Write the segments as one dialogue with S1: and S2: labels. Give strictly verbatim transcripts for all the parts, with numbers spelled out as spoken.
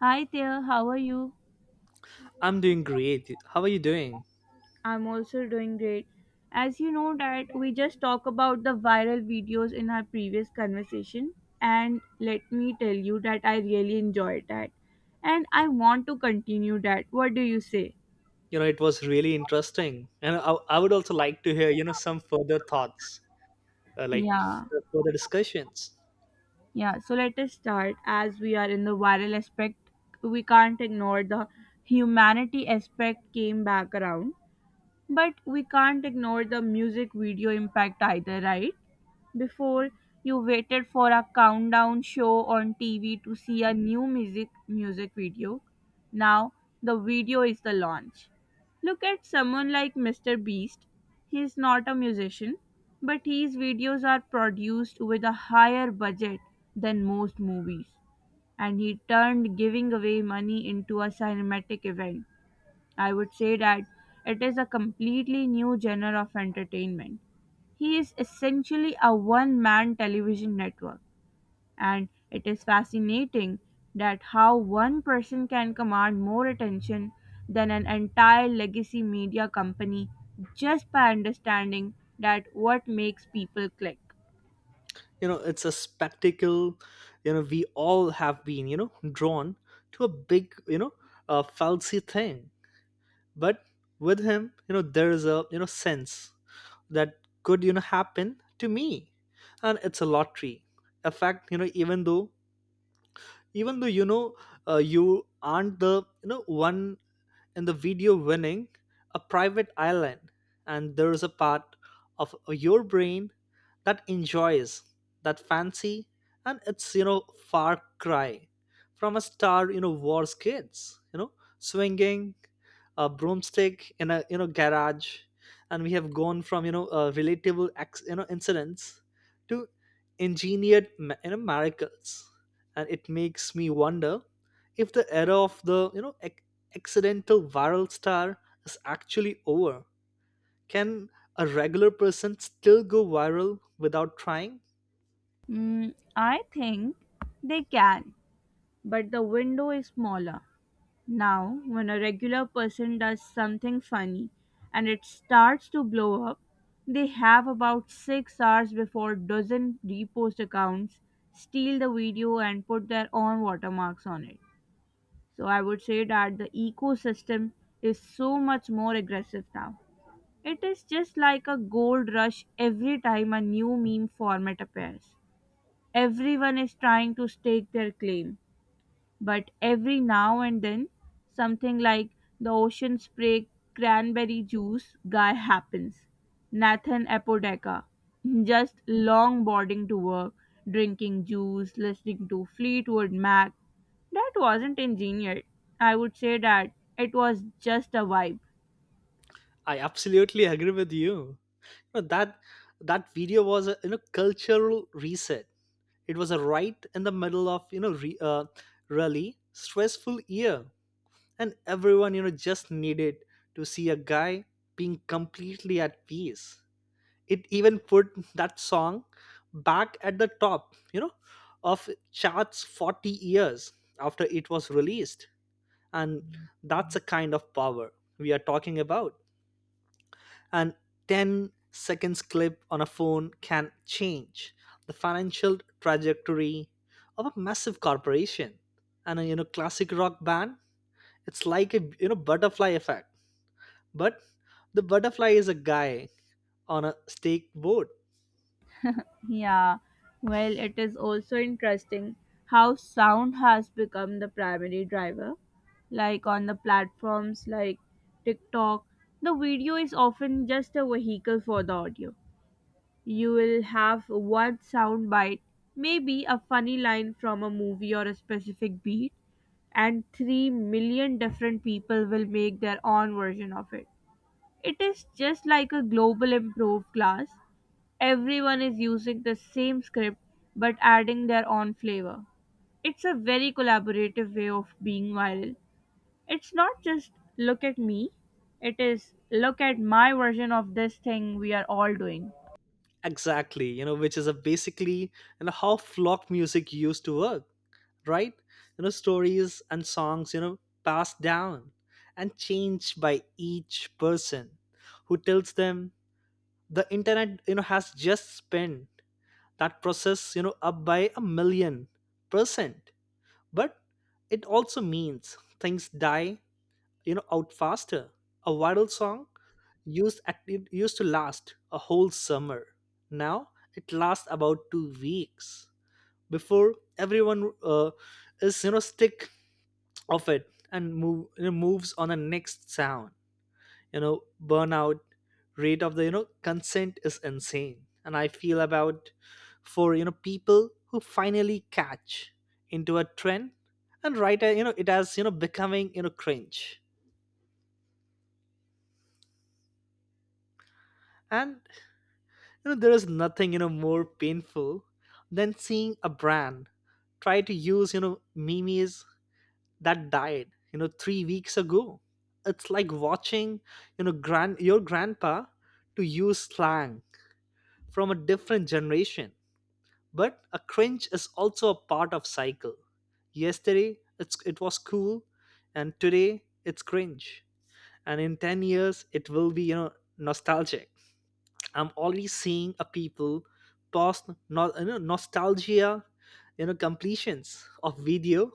S1: Hi there, how are you?
S2: I'm doing great. How are you doing?
S1: I'm also doing great. As you know that we just talked about the viral videos in our previous conversation and let me tell you that I really enjoyed that and I want to continue that. What do you say?
S2: You know, it was really interesting. And I, I would also like to hear, you know, some further thoughts, uh, like
S1: Yeah.
S2: uh, further discussions.
S1: Yeah, so let us start as we are in the viral aspect. We can't ignore the humanity aspect came back around, but we can't ignore the music video impact either, right? Before you waited for a countdown show on T V to see a new music music video. Now the video is the launch. Look at someone like Mister Beast. He is not a musician, but his videos are produced with a higher budget than most movies. And he turned giving away money into a cinematic event. I would say that it is a completely new genre of entertainment. He is essentially a one man television network, and it is fascinating that how one person can command more attention than an entire legacy media company just by understanding that what makes people click.
S2: You know, it's a spectacle. You know, we all have been, you know, drawn to a big, you know, uh, falsy thing. But with him, you know, there is a, you know, sense that could, you know, happen to me. And it's a lottery. In fact, you know, even though, even though, you know, uh, you aren't the, you know, one in the video winning a private island, and there's a part of your brain that enjoys that fancy, and it's you know far cry from a star you know wars kids you know swinging a broomstick in a you know garage, and we have gone from you know uh, relatable ex- you know incidents to engineered ma- you know miracles, and it makes me wonder if the era of the you know ec- accidental viral star is actually over. Can a regular person still go viral without trying?
S1: Mm, I think they can, but the window is smaller. Now, when a regular person does something funny and it starts to blow up, they have about six hours before dozen repost accounts steal the video and put their own watermarks on it. So I would say that the ecosystem is so much more aggressive now. It is just like a gold rush every time a new meme format appears. Everyone is trying to stake their claim but every now and then something like the ocean spray cranberry juice guy happens. Nathan Apodaca. Just longboarding to work, drinking juice, listening to Fleetwood Mac. That wasn't engineered. I would say that it was just a vibe.
S2: I absolutely agree with you. You know, that that video was a you know cultural reset. It was a right in the middle of you know re, uh, really stressful year, and everyone you know just needed to see a guy being completely at peace. It even put that song back at the top you know of charts forty years after it was released, and that's a kind of power we are talking about, and ten seconds clip on a phone can change the financial trajectory of a massive corporation and a you know classic rock band. It's like a you know butterfly effect, but the butterfly is a guy on a stake board.
S1: Yeah, well, it is also interesting how sound has become the primary driver. Like on the platforms like TikTok, the video is often just a vehicle for the audio. You will have one sound bite, maybe a funny line from a movie or a specific beat, and three million different people will make their own version of it. It is just like a global improved class. Everyone is using the same script but adding their own flavor. It's a very collaborative way of being viral. It's not just look at me, it is look at my version of this thing we are all doing.
S2: Exactly, you know, which is a basically you know how flock music used to work, right? You know stories and songs, you know, passed down and changed by each person who tells them. The internet you know has just spent that process you know up by a million percent, but it also means things die you know out faster. A viral song used at- it used to last a whole summer. Now it lasts about two weeks before everyone uh, is you know sick of it and move you know, moves on the next sound. You know burnout rate of the you know consent is insane, and I feel about for you know people who finally catch into a trend and write a, you know it as you know becoming you know cringe. And you know, there is nothing you know more painful than seeing a brand try to use you know memes that died you know three weeks ago. It's like watching you know grand your grandpa to use slang from a different generation. But a cringe is also a part of cycle. Yesterday it's it was cool, and today it's cringe. And in ten years it will be you know nostalgic. I'm already seeing a people post no, you know, nostalgia, you know, completions of video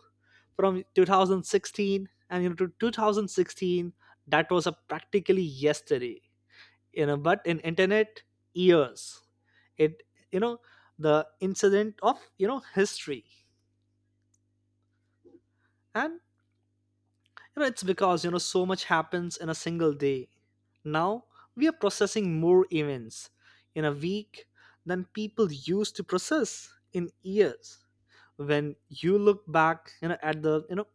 S2: from two thousand sixteen and you know to two thousand sixteen that was a practically yesterday. You know, but in internet years, it you know the incident of you know history. And you know, it's because, you know, so much happens in a single day. Now, we are processing more events in a week than people used to process in years. When you look back, you know, at the, you know,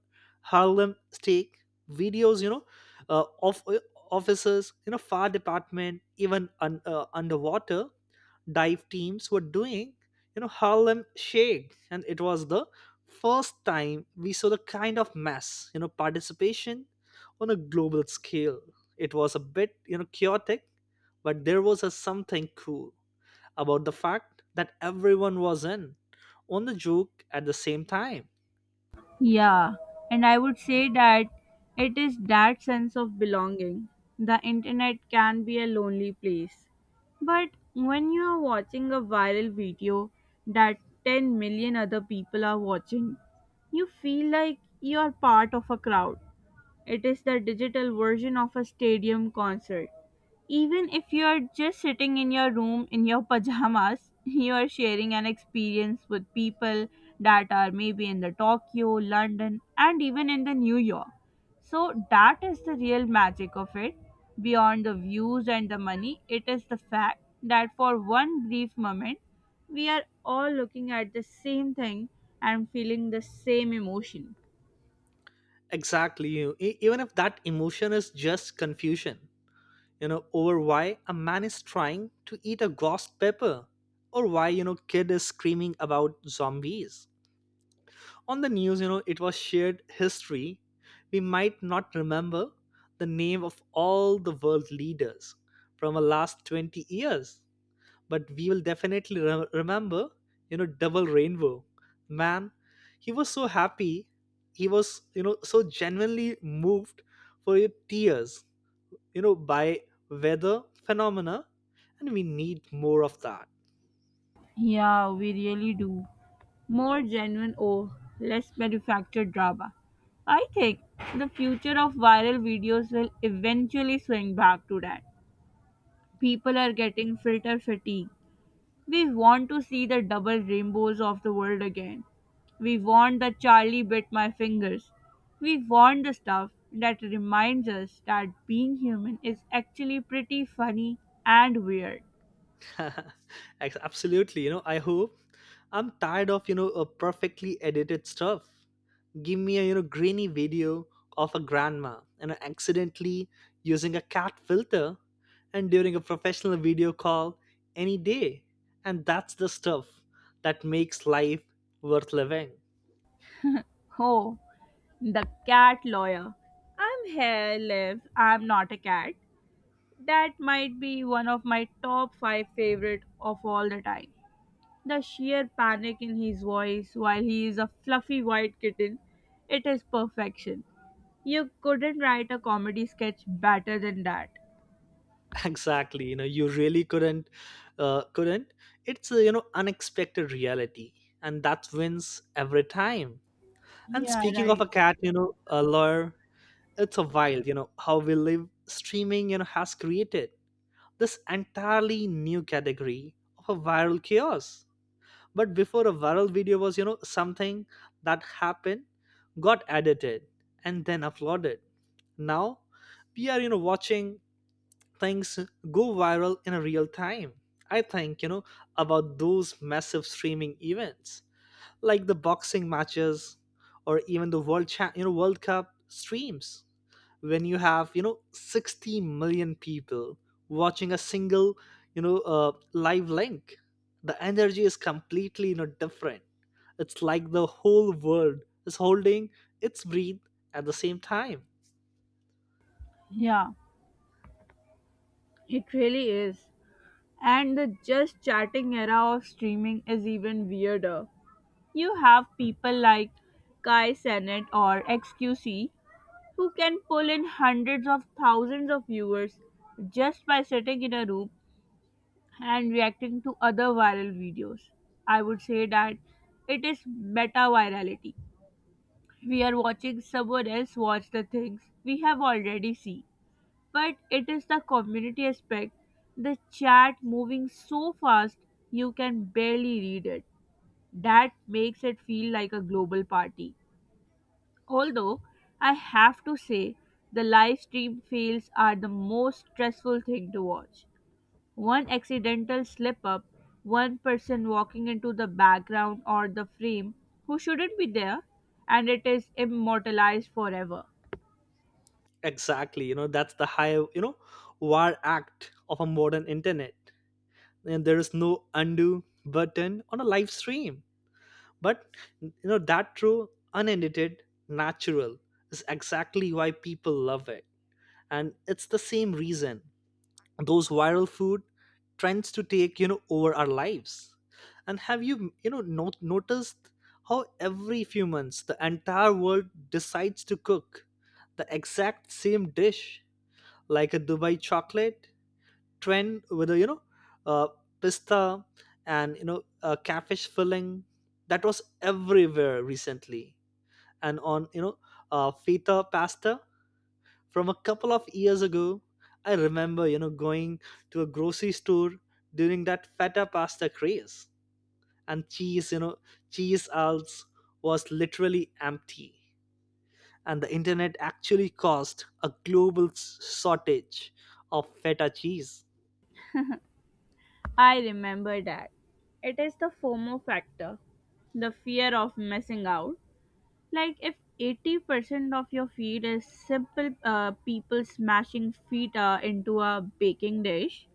S2: Harlem Shake videos, you know, uh, of uh, officers, you know, fire department, even un, uh, underwater, dive teams were doing, you know, Harlem Shake. And it was the first time we saw the kind of mass, you know, participation on a global scale. It was a bit, you know, chaotic, but there was a something cool about the fact that everyone was in on the joke at the same time.
S1: Yeah, and I would say that it is that sense of belonging. The internet can be a lonely place. But when you are watching a viral video that ten million other people are watching, you feel like you are part of a crowd. It is the digital version of a stadium concert. Even if you're just sitting in your room in your pajamas, you are sharing an experience with people that are maybe in the Tokyo, London, and even in the New York. So that is the real magic of it. Beyond the views and the money, it is the fact that for one brief moment, we are all looking at the same thing and feeling the same emotion.
S2: Exactly. you- e- Even if that emotion is just confusion, you know over why a man is trying to eat a ghost pepper or why you know kid is screaming about zombies on the news, you know it was shared history. We might not remember the name of all the world leaders from the last twenty years, but we will definitely re- remember you know double rainbow man. He was so happy, he was you know so genuinely moved for your tears, you know by weather phenomena, and we need more of that.
S1: Yeah, we really do. More genuine or less manufactured drama. I think the future of viral videos will eventually swing back to that. People are getting filter fatigue. We want to see the double rainbows of the world again. We want the Charlie bit my fingers. We want the stuff that reminds us that being human is actually pretty funny and weird.
S2: Ex- absolutely, you know I hope. I'm tired of you know a perfectly edited stuff. Give me a you know grainy video of a grandma and accidentally using a cat filter and during a professional video call any day, and that's the stuff that makes life worth living.
S1: Oh, the cat lawyer. I'm here, Liv. I'm not a cat. That might be one of my top five favorite of all the time. The sheer panic in his voice while he is a fluffy white kitten, it is perfection. You couldn't write a comedy sketch better than that.
S2: Exactly, you know you really couldn't uh, couldn't. It's a you know unexpected reality, and that wins every time. And
S1: Yeah,
S2: speaking
S1: right.
S2: of a cat you know a lawyer, it's a wild you know how we live streaming you know has created this entirely new category of a viral chaos. But before a viral video was you know something that happened, got edited, and then uploaded. Now we are you know watching things go viral in real time. I think, you know, about those massive streaming events like the boxing matches or even the world cha- you know world cup streams when you have you know sixty million people watching a single you know uh, live link. The energy is completely you know different. It's like the whole world is holding its breath at the same time.
S1: Yeah, it really is. And the just chatting era of streaming is even weirder. You have people like Kai Sennett or X Q C who can pull in hundreds of thousands of viewers just by sitting in a room and reacting to other viral videos. I would say that it is meta virality. We are watching someone else watch the things we have already seen. But it is the community aspect, the chat moving so fast you can barely read it. That makes it feel like a global party. Although I have to say, the live stream fails are the most stressful thing to watch. One accidental slip up, one person walking into the background or the frame who shouldn't be there, and it is immortalized forever.
S2: Exactly, you know that's the high you know war act of a modern internet, and there is no undo button on a live stream. But you know that true unedited natural is exactly why people love it. And it's the same reason those viral food trends to take you know over our lives. And have you you know not noticed how every few months the entire world decides to cook the exact same dish, like a Dubai chocolate trend with a you know uh, pista and you know a catfish filling that was everywhere recently, and on you know uh, feta pasta from a couple of years ago. I remember you know going to a grocery store during that feta pasta craze, and cheese you know cheese aisles was literally empty. And the internet actually caused a global s- shortage of feta cheese.
S1: I remember that. It is the FOMO factor, the fear of missing out. Like if eighty percent of your feed is simple uh, people smashing feet uh, into a baking dish,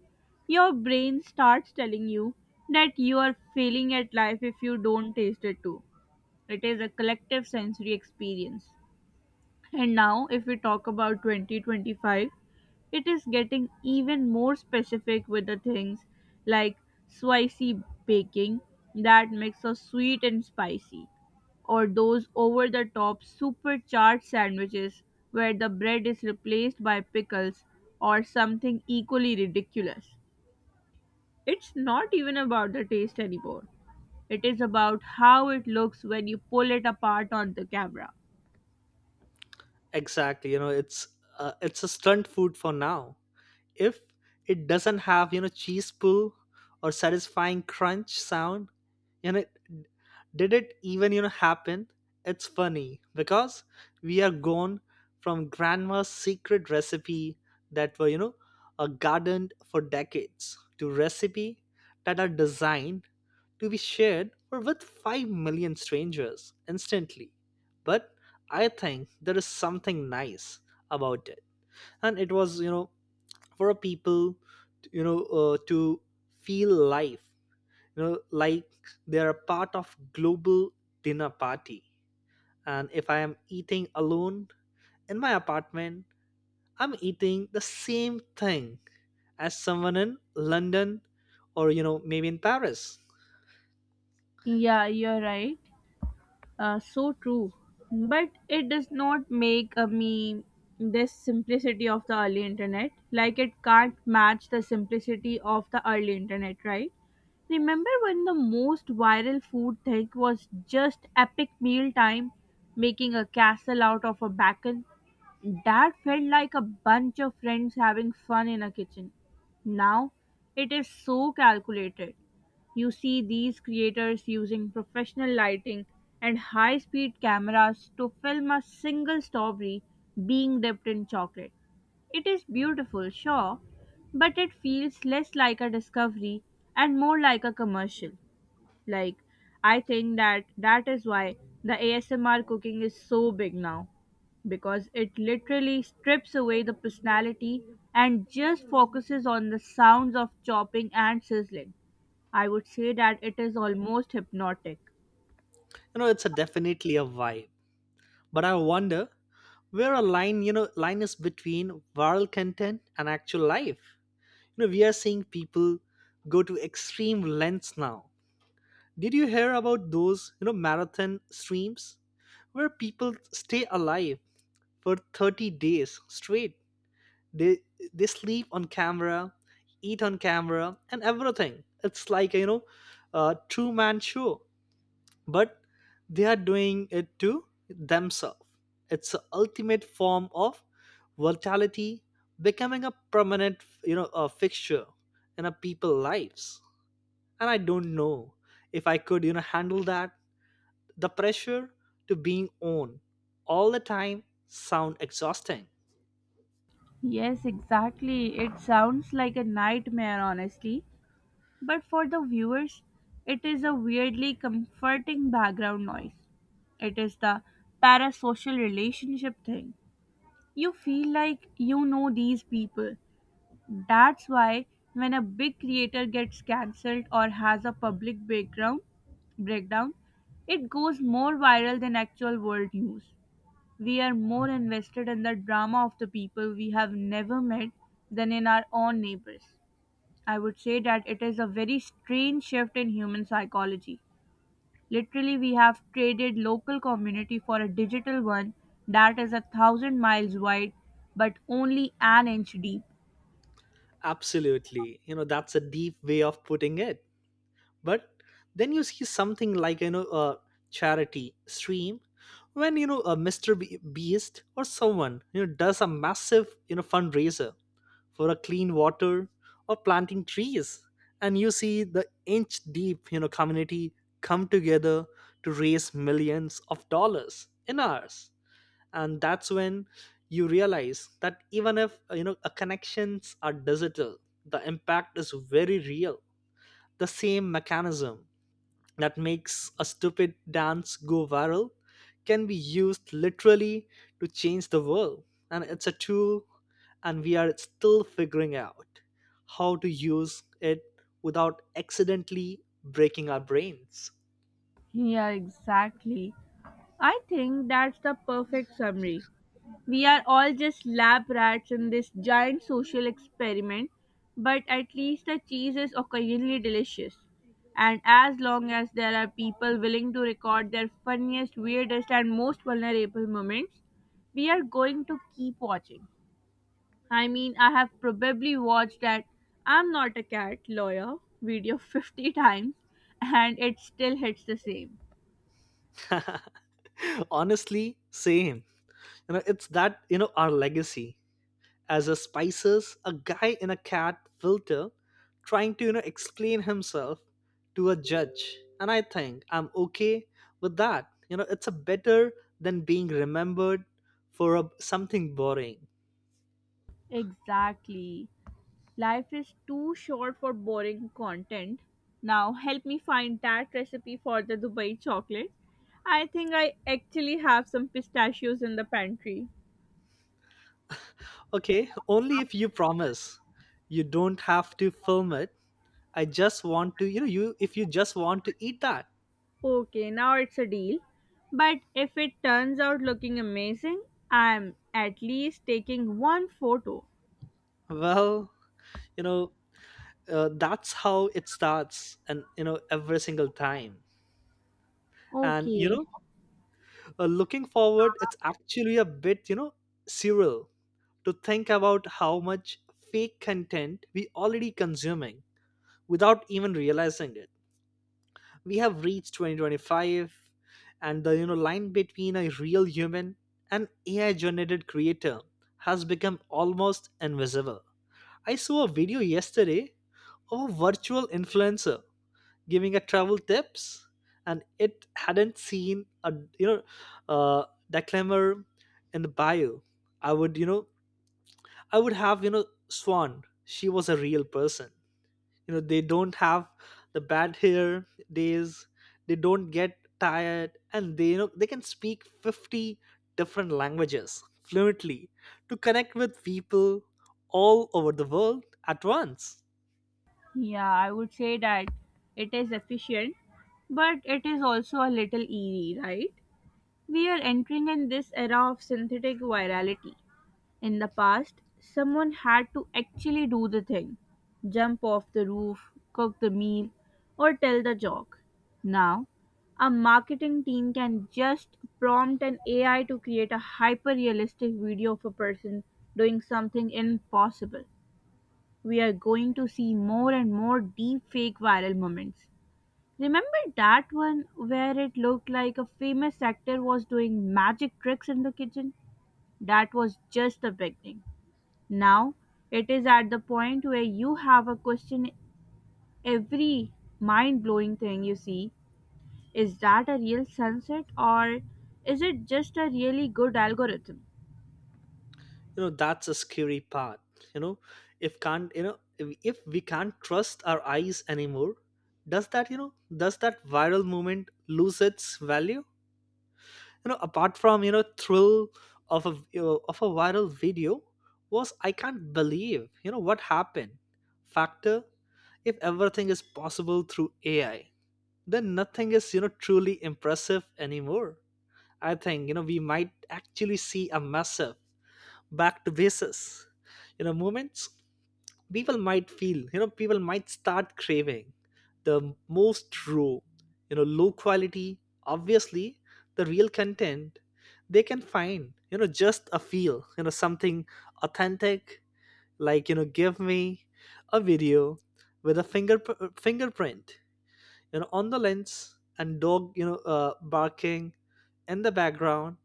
S1: your brain starts telling you that you are failing at life if you don't taste it too. It is a collective sensory experience. And now, if we talk about twenty twenty-five, it is getting even more specific with the things like spicy baking, that mix of sweet and spicy, or those over the top supercharged sandwiches where the bread is replaced by pickles or something equally ridiculous. It's not even about the taste anymore. It is about how it looks when you pull it apart on the camera.
S2: Exactly. You know, it's uh, it's a stunt food for now. If it doesn't have you know cheese pull or satisfying crunch sound, and it, did it even you know happen? It's funny because we are gone from grandma's secret recipe that were you know uh, gardened for decades to recipe that are designed to be shared or with five million strangers instantly. But I think there is something nice about it, and it was you know for a people you know uh, to feel life you know like they're a part of global dinner party. And if I am eating alone in my apartment, I'm eating the same thing as someone in london or you know maybe in paris.
S1: Yeah, you're right. Uh, so true. But it does not make a meme this simplicity of the early internet. Like it can't match the simplicity of the early internet, right? Remember when the most viral food thing was just epic meal time, making a castle out of a bacon? That felt like a bunch of friends having fun in a kitchen. Now it is so calculated. You see these creators using professional lighting and high speed cameras to film a single story being dipped in chocolate. It is beautiful, sure, but it feels less like a discovery and more like a commercial. Like, I think that that is why the A S M R cooking is so big now because it literally strips away the personality and just focuses on the sounds of chopping and sizzling. I would say that it is almost hypnotic.
S2: You know it's a definitely a vibe, but I wonder where a line you know line is between viral content and actual life. You know we are seeing people go to extreme lengths now. Did you hear about those, you know, marathon streams where people stay alive for thirty days straight? They they sleep on camera, eat on camera, and everything. It's like you know, a true man show, but they are doing it to themselves. It's the ultimate form of vitality, becoming a permanent, you know, a fixture in a people lives. And I don't know if I could, you know, handle that the pressure to being on all the time sound exhausting.
S1: Yes, exactly. It sounds like a nightmare, honestly. But for the viewers, it is a weirdly comforting background noise. It is the parasocial relationship thing. You feel like you know these people. That's why when a big creator gets cancelled or has a public background breakdown, it goes more viral than actual world news. We are more invested in the drama of the people we have never met than in our own neighbors. I would say that it is a very strange shift in human psychology. Literally, we have traded local community for a digital one that is a thousand miles wide but only an inch deep.
S2: Absolutely, you know that's a deep way of putting it. But then you see something like you know a charity stream when you know a Mr. Be- beast or someone you know does a massive you know fundraiser for a clean water or planting trees, and you see the inch deep you know community come together to raise millions of dollars in hours. And that's when you realize that even if uh, you know a connections are digital, the impact is very real. The same mechanism that makes a stupid dance go viral can be used literally to change the world. And it's a tool, and we are still figuring out how to use it without accidentally breaking our brains.
S1: Yeah, exactly. I think that's the perfect summary. We are all just lab rats in this giant social experiment, but at least the cheese is occasionally delicious. And as long as there are people willing to record their funniest, weirdest, and most vulnerable moments, we are going to keep watching. I mean, I have probably watched that I'm not a cat lawyer video fifty times and it still hits the same.
S2: Honestly, same. you know it's that you know our legacy as a spices a guy in a cat filter trying to you know explain himself to a judge. And I think I'm okay with that you know It's a better than being remembered for a, something boring.
S1: Exactly. Life is too short for boring content. Now, help me find that recipe for the Dubai chocolate. I think I actually have some pistachios in the pantry.
S2: Okay, only if you promise you don't have to film it. I just want to you know you if you just want to eat that.
S1: Okay, now it's a deal. But if it turns out looking amazing, I'm at least taking one photo.
S2: Well, you know uh, that's how it starts, and you know every single time. And you know
S1: Okay.
S2: uh, looking forward, it's actually a bit, you know, surreal to think about how much fake content we already consuming without even realizing it. We have reached twenty twenty-five, and the you know line between a real human and A I generated creator has become almost invisible. I saw a video yesterday of a virtual influencer giving a travel tips, and it hadn't seen a you know uh declaimer in the bio. i would you know I would have you know swan she was a real person. You know they don't have the bad hair days, they don't get tired, and they you know they can speak fifty different languages fluently to connect with people all over the world at once.
S1: Yeah, I would say that it is efficient, but it is also a little eerie, right? We are entering in this era of synthetic virality. In the past, someone had to actually do the thing jump off the roof, cook the meal, or tell the joke. Now, a marketing team can just prompt an A I to create a hyper realistic video of a person doing something impossible. We are going to see more and more deep fake viral moments. Remember that one where it looked like a famous actor was doing magic tricks in the kitchen? That was just the beginning. Now it is at the point where you have a question every mind blowing thing you see, is that a real sunset or is it just a really good algorithm?
S2: You know that's a scary part. you know if can't you know if, if we can't trust our eyes anymore, does that you know does that viral moment lose its value? you know apart from you know thrill of a you know, of a viral video was I can't believe you know what happened factor. If everything is possible through AI, then nothing is you know truly impressive anymore. I think you know we might actually see a massive back to basis you know moments. People might feel you know people might start craving the most raw, you know low quality, obviously, the real content they can find. you know just a feel you know something authentic. Like you know give me a video with a finger fingerprint you know on the lens and dog you know uh, barking in the background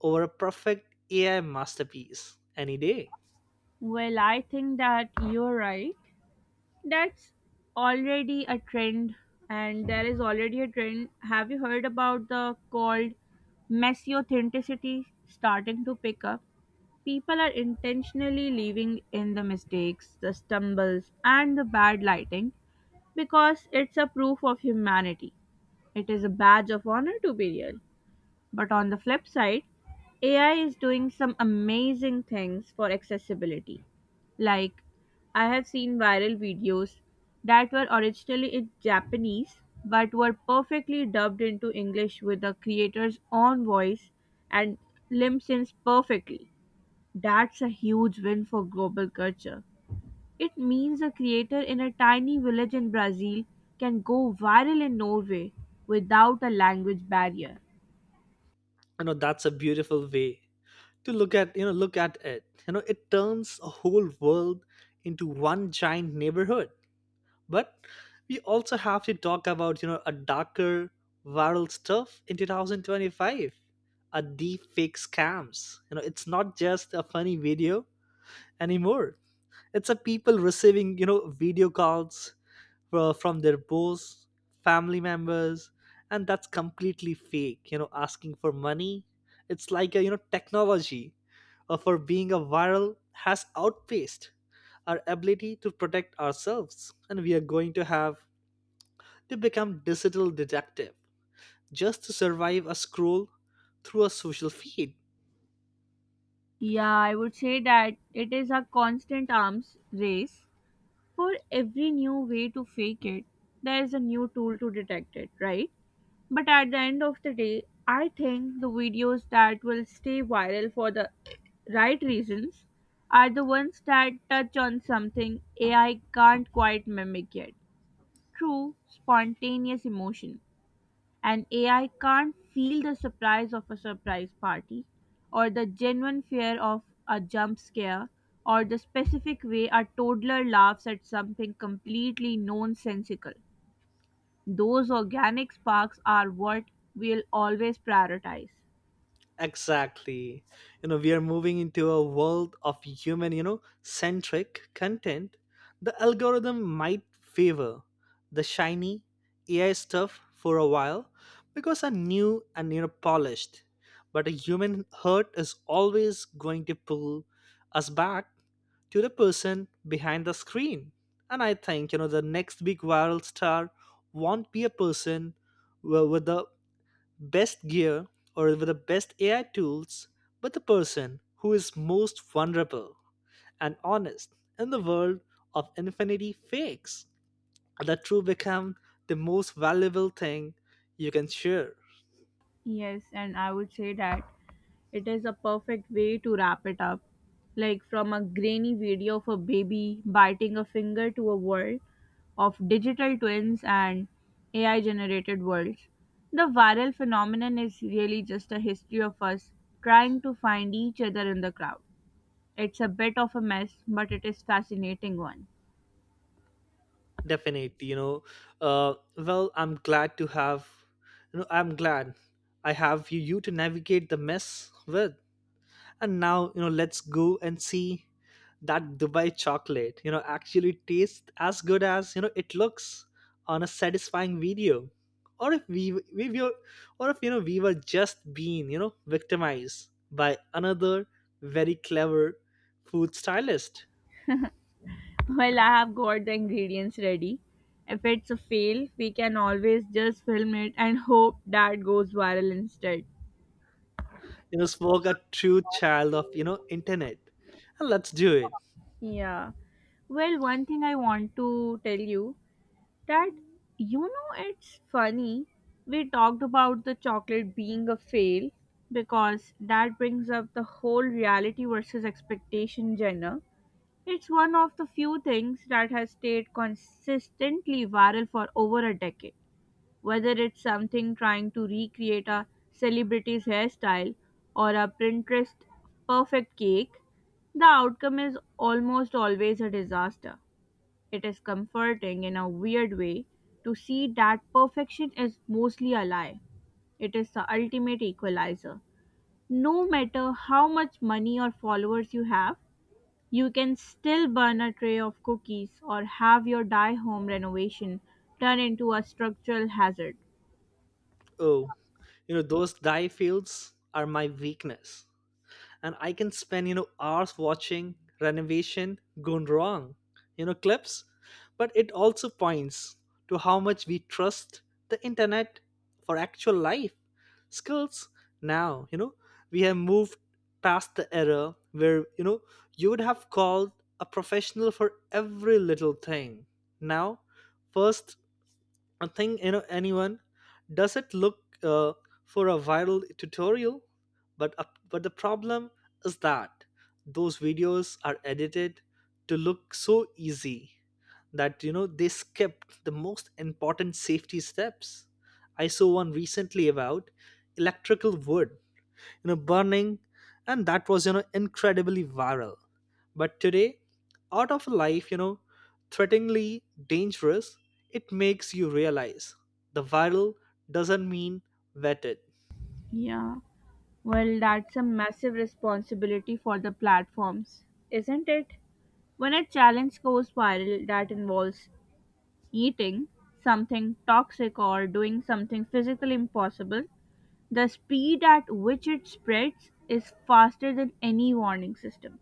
S2: over a perfect AI masterpiece any day.
S1: Well, I think that you're right. That's already a trend, and there is already a trend. Have you heard about the called messy authenticity starting to pick up? People are intentionally leaving in the mistakes, the stumbles, and the bad lighting because it's a proof of humanity. It is a badge of honor to be real. But on the flip side, A I is doing some amazing things for accessibility. Like, I have seen viral videos that were originally in Japanese but were perfectly dubbed into English with the creator's own voice and lip syncs perfectly. That's a huge win for global culture. It means a creator in a tiny village in Brazil can go viral in Norway without a language barrier.
S2: You know that's a beautiful way to look at you know look at it. You know it turns a whole world into one giant neighborhood. But we also have to talk about you know a darker viral stuff in two thousand twenty-five, a deep fake scams. You know it's not just a funny video anymore. It's a people receiving you know video calls fro- from their boss, family members, and that's completely fake. You know, asking for money, it's like a, you know technology uh, for being a viral has outpaced our ability to protect ourselves, and we are going to have to become digital detective just to survive a scroll through a social feed.
S1: Yeah, I would say that it is a constant arms race. For every new way to fake it, there is a new tool to detect it, right? But at the end of the day, I think the videos that will stay viral for the right reasons are the ones that touch on something A I can't quite mimic yet, true, spontaneous emotion. And A I can't feel the surprise of a surprise party, or the genuine fear of a jump scare, or the specific way a toddler laughs at something completely nonsensical. Those organic sparks are what we'll always prioritize.
S2: Exactly. You know, we are moving into a world of human, you know, centric content. The algorithm might favor the shiny A I stuff for a while because are new and you know polished. But a human heart is always going to pull us back to the person behind the screen. And I think, you know, the next big viral star won't be a person wi- with a best gear or with the best A I tools, but the person who is most vulnerable and honest in the world of infinity fakes. The true become the most valuable thing you can share.
S1: Yes, and I would say that it is a perfect way to wrap it up. Like from a grainy video of a baby biting a finger to a world of digital twins and A I generated worlds. The viral phenomenon is really just a history of us trying to find each other in the crowd. It's a bit of a mess, but it is fascinating one.
S2: Definitely, you know. Uh, well, I'm glad to have, you know, I'm glad I have you, you to navigate the mess with. And now, you know, let's go and see that Dubai chocolate, you know, actually tastes as good as, you know, it looks on a satisfying video. Or if we, we were, or if, you know, we were just being, you know, victimized by another very clever food stylist,
S1: Well, I have got the ingredients ready. If it's a fail, we can always just film it and hope that goes viral instead.
S2: you know, spoke a true child of, you know, internet. And let's do it.
S1: Yeah. Well, one thing I want to tell you that you know it's funny, we talked about the chocolate being a fail because that brings up the whole reality versus expectation genre. It's one of the few things that has stayed consistently viral for over a decade. Whether it's something trying to recreate a celebrity's hairstyle or a Pinterest perfect cake, the outcome is almost always a disaster. It is comforting in a weird way to see that perfection is mostly a lie. It is the ultimate equalizer. No matter how much money or followers you have, you can still burn a tray of cookies or have your die home renovation turn into a structural hazard.
S2: Oh, you know, those dye fields are my weakness. And I can spend you know hours watching renovation gone wrong, you know clips, but it also points to how much we trust the internet for actual life skills. Now you know we have moved past the era where you know you would have called a professional for every little thing. Now, first I think you know anyone does it look uh, for a viral tutorial, but uh, but the problem is that those videos are edited to look so easy that you know they skip the most important safety steps. I saw one recently about electrical wood, you know, burning, and that was you know incredibly viral, but today, out of life, you know, threateningly dangerous. It makes you realize the viral doesn't mean vetted.
S1: Yeah. Well, that's a massive responsibility for the platforms, isn't it? When a challenge goes viral that involves eating something toxic or doing something physically impossible, the speed at which it spreads is faster than any warning system.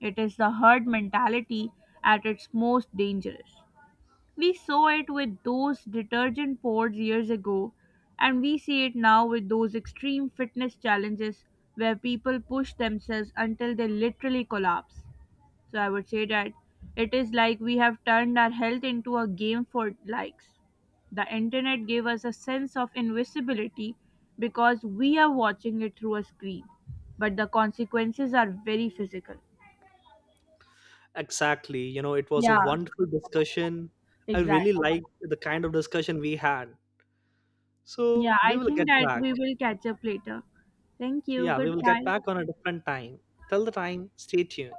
S1: It is the herd mentality at its most dangerous. We saw it with those detergent pods years ago, and we see it now with those extreme fitness challenges where people push themselves until they literally collapse. So I would say that it is like we have turned our health into a game for likes. The internet gave us a sense of invisibility because we are watching it through a screen, but the consequences are very physical.
S2: Exactly. You know, it was a
S1: Yeah,
S2: wonderful discussion. I really
S1: exactly.
S2: liked the kind of discussion we had. So
S1: Yeah,
S2: we
S1: I
S2: will
S1: think
S2: get
S1: that
S2: back.
S1: we will catch up later. Thank you.
S2: Yeah, we will get
S1: Goodbye.
S2: back on a different time. Till the time, stay tuned.